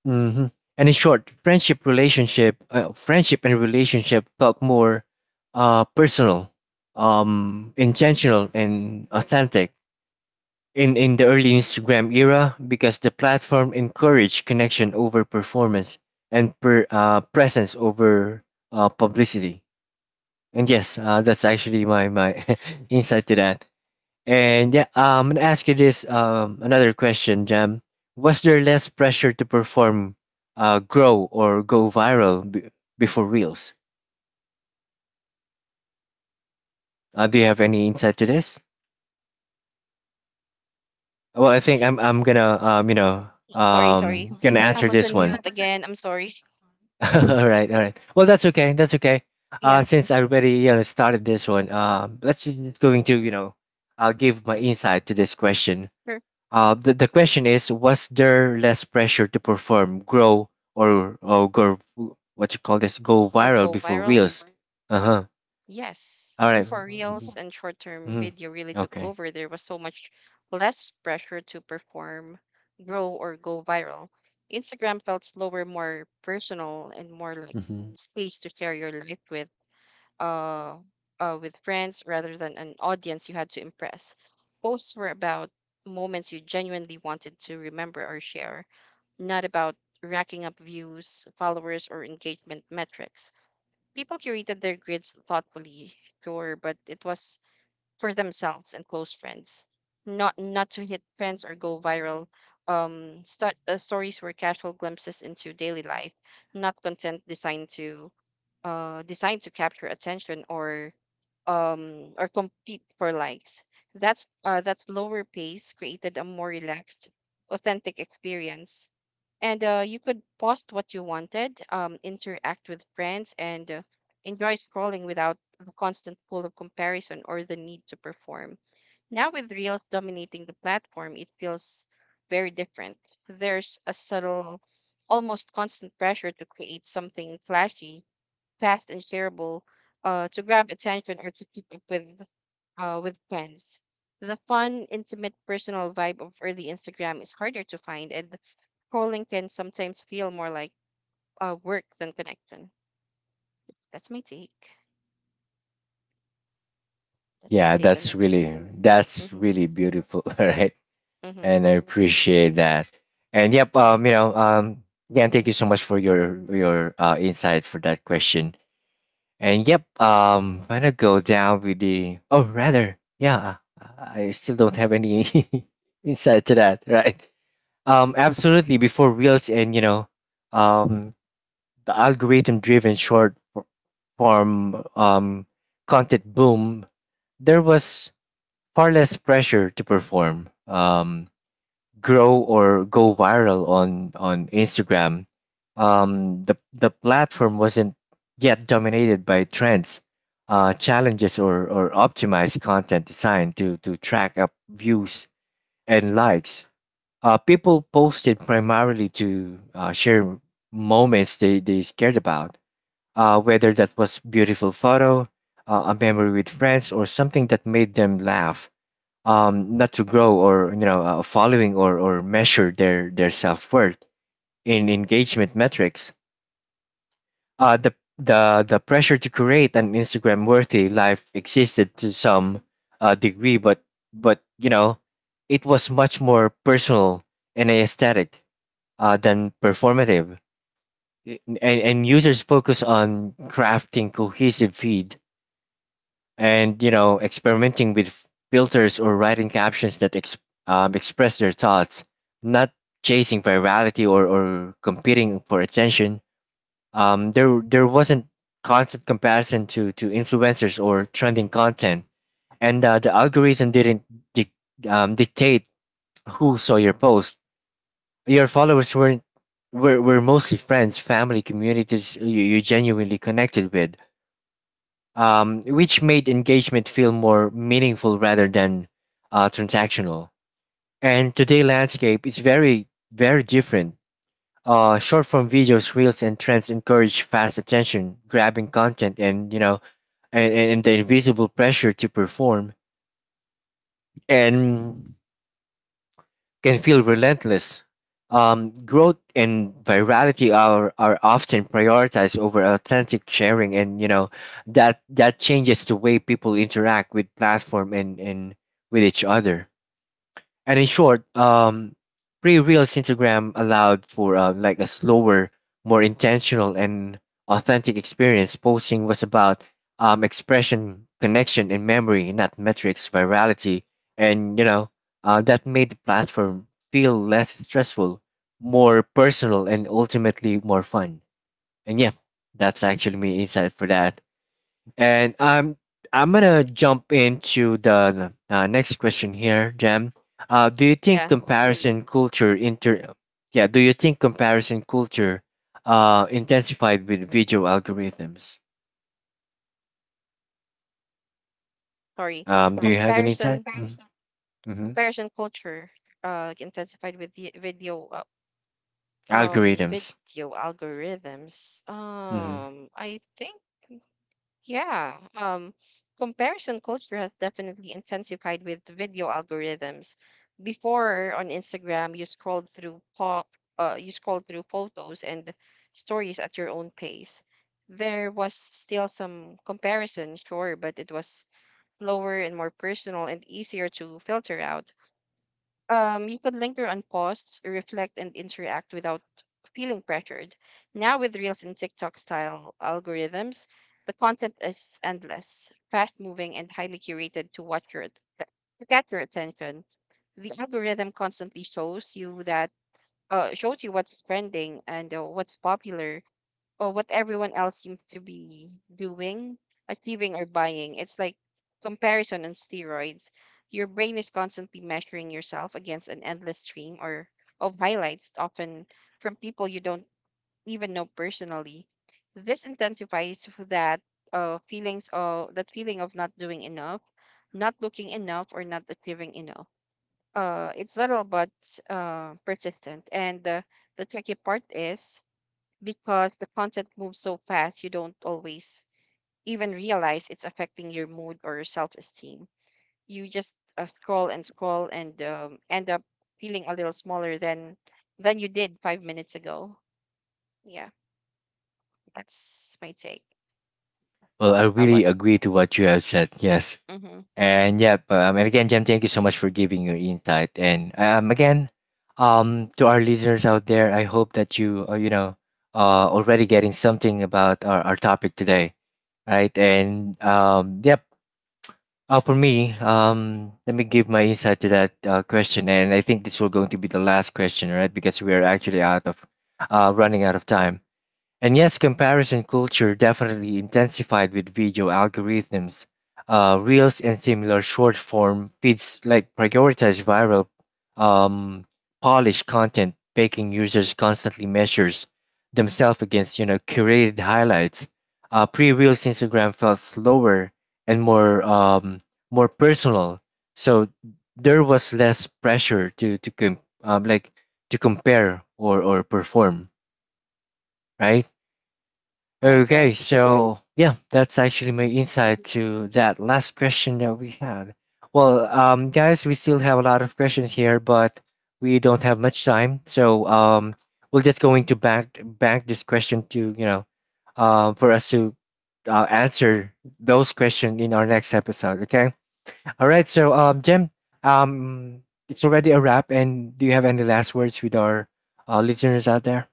A: hmm And in short, friendship relationship, uh, friendship and relationship felt more uh, personal, um, intentional, and authentic in in the early Instagram era because the platform encouraged connection over performance and per, uh, presence over uh, publicity. And yes, uh, that's actually my my [laughs] insight to that. And yeah, um, I'm gonna ask you this um another question, Jam. Was there less pressure to perform, uh, grow or go viral b- before Reels? Uh, do you have any insight to this? Well, I think I'm I'm gonna um you know
B: Sorry. Sorry.
A: um gonna
B: I
A: answer
B: was
A: this
B: on
A: one.
B: mute again. I'm sorry. [laughs]
A: [laughs] All right, all right. Well, that's okay. That's okay. Uh,
B: Yeah.
A: since I already you know started this one, um, let's just just going to you know, uh, give my insight to this question.
B: Sure.
A: Uh, the, the question is, was there less pressure to perform, grow, or, or go, what you call this, go
B: Or
A: viral
B: go
A: before
B: viral?
A: reels? Uh huh.
B: Yes.
A: All right.
B: Before Reels
A: Mhm.
B: and short term
A: Mhm.
B: video really took
A: Okay.
B: over, there was so much less pressure to perform, grow, or go viral. Instagram felt slower, more personal, and more like
A: hmm
B: space to share your life with uh, uh with friends rather than an audience you had to impress. Posts were about moments you genuinely wanted to remember or share, not about racking up views, followers, or engagement metrics. People curated their grids thoughtfully, sure, but it was for themselves and close friends, not not to hit trends or go viral. Um, st- uh, stories were casual glimpses into daily life, not content designed to uh designed to capture attention or um or compete for likes. That's uh that's lower pace created a more relaxed, authentic experience, and uh, you could post what you wanted, um, interact with friends, and uh, enjoy scrolling without the constant pull of comparison or the need to perform. Now, with Reels dominating the platform, it feels very different. There's a subtle, almost constant pressure to create something flashy, fast, and shareable, uh, to grab attention or to keep up with uh, with friends. The fun, intimate, personal vibe of early Instagram is harder to find, and scrolling can sometimes feel more like uh, work than connection. That's my take. That's my
A: Yeah,
B: take on
A: that's
B: it.
A: really that's
B: Mm-hmm.
A: really beautiful. [laughs] All right,
B: Mm-hmm.
A: and I appreciate that. And yep, um, you
B: Right.
A: know, um, again, thank you so much for your your uh, insight for that question. And yep, um, I'm gonna go down with the. Oh, rather, yeah, I still don't have any [laughs] insight to that, right? Um, absolutely. Before Reels and you know, um, the algorithm-driven short f- form um content boom, there was far less pressure to perform. Um, grow or go viral on on Instagram, um, the the platform wasn't yet dominated by trends, uh, challenges, or or optimized content designed to to track up views and likes. Uh, people posted primarily to uh, share moments they they cared about, uh, whether that was beautiful photo, uh, a memory with friends, or something that made them laugh, um, not to grow or you know uh, following or, or measure their, their self-worth in engagement metrics. uh, the, the, the pressure to create an Instagram worthy life existed to some uh, degree but but you know it was much more personal and aesthetic uh, than performative. I- and, and users focus on crafting cohesive feed and you know experimenting with filters or writing captions that ex- um, express their thoughts, not chasing virality or, or competing for attention. Um, there there wasn't constant comparison to to influencers or trending content, and uh, the algorithm didn't dic um, dictate who saw your post. Your followers weren't were, were mostly friends family communities you, you genuinely connected with, um, which made engagement feel more meaningful rather than uh, transactional. And today landscape is very, very different. Uh, short form videos, reels, and trends encourage fast attention, grabbing content, and you know, and, and and the invisible pressure to perform. And can feel relentless. Um, growth and virality are, are often prioritized over authentic sharing, and you know that that changes the way people interact with platform and, and with each other. And in short, um, pre reels Instagram allowed for uh, like a slower, more intentional and authentic experience. Posting was about um, expression, connection, and memory, not metrics, virality, and you know uh, that made the platform feel less stressful, more personal, and ultimately more fun. And yeah, that's actually me insight for that. And I'm I'm gonna jump into the uh, next question here, Jam. Uh, do you think Mm.
B: Yeah.
A: comparison culture inter yeah, do you think comparison culture uh intensified with video algorithms?
B: Sorry.
A: Um, do you have any time?
B: Comparison.
A: Mm-hmm. Mm-hmm.
B: Comparison culture uh, intensified with the video uh, um
A: Algorithms.
B: video algorithms.
A: Mm-hmm.
B: Um, I think Yeah, um, comparison culture has definitely intensified with the video algorithms. Before on Instagram, you scrolled through pop, uh, you scrolled through photos and stories at your own pace. There was still some comparison, sure, but it was slower and more personal and easier to filter out. Um, you could linger on posts, reflect, and interact without feeling pressured. Now, with Reels and TikTok style algorithms, the content is endless, fast moving, and highly curated to, watch your, att- to catch your attention. The algorithm constantly shows you that. Uh, shows you what's trending and uh, what's popular or what everyone else seems to be doing, achieving, or buying. It's like comparison on steroids. Your brain is constantly measuring yourself against an endless stream or of highlights, often from people you don't even know personally. This intensifies that uh, feelings of that feeling of not doing enough, not looking enough, or not achieving enough. Uh, it's subtle but uh, persistent. And the the tricky part is, because the content moves so fast, you don't always even realize it's affecting your mood or your self-esteem. You just uh, scroll and scroll and um, end up feeling a little smaller than than you did five minutes ago. Yeah, that's my take.
A: Well, I
B: How about
A: really agree to what you have said. Yes.
B: mm-hmm.
A: And yep, um, and again, Jem, thank you so much for giving your insight. And um, again, um, to our listeners out there, I hope that you, uh, you know, uh, already getting something about our, our topic today, right? And um, yep, uh, for me, um, let me give my insight to that uh, question. And I think this will going to be the last question, right? Because we are actually out of, uh, running out of time. And yes, comparison culture definitely intensified with video algorithms. Uh, Reels and similar short form feeds like prioritize viral, um, polished content, making users constantly measures themselves against you know curated highlights. Uh, Pre-Reels Instagram felt slower and more um, more personal, so there was less pressure to to com- um, like to compare or or perform, right?
B: Right,
A: Okay,
B: right.
A: so yeah, that's actually my
B: Hmm.
A: insight to that last question that we had. Well, um, guys, we still have a lot of questions here, but we don't have much time, so um, we're just going to back back this question to you know, um, for us to uh, answer those questions in our next episode. Okay. All right. So, um, Jim, um, it's already a wrap, and do you have any last words with our uh, listeners out there?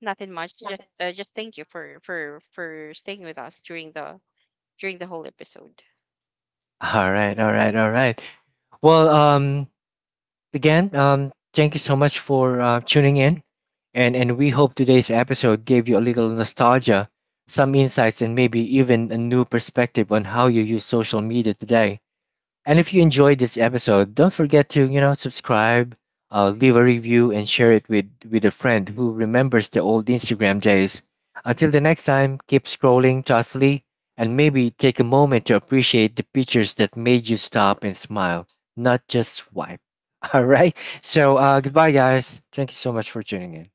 B: Nothing much, just uh, just thank you for for for staying with us during the during the whole episode.
A: [laughs] All right. All right. All right. Well, um, again, um, thank you so much for uh, tuning in, and and we hope today's episode gave you a little nostalgia, some insights, and maybe even a new perspective on how you use social media today. And if you enjoyed this episode, don't forget to, you know, subscribe, uh, leave a review, and share it with, with a friend who remembers the old Instagram days. Until the next time, keep scrolling thoughtfully and maybe take a moment to appreciate the pictures that made you stop and smile, not just swipe. [laughs] All right. So, uh, goodbye, guys. Thank you so much for tuning in.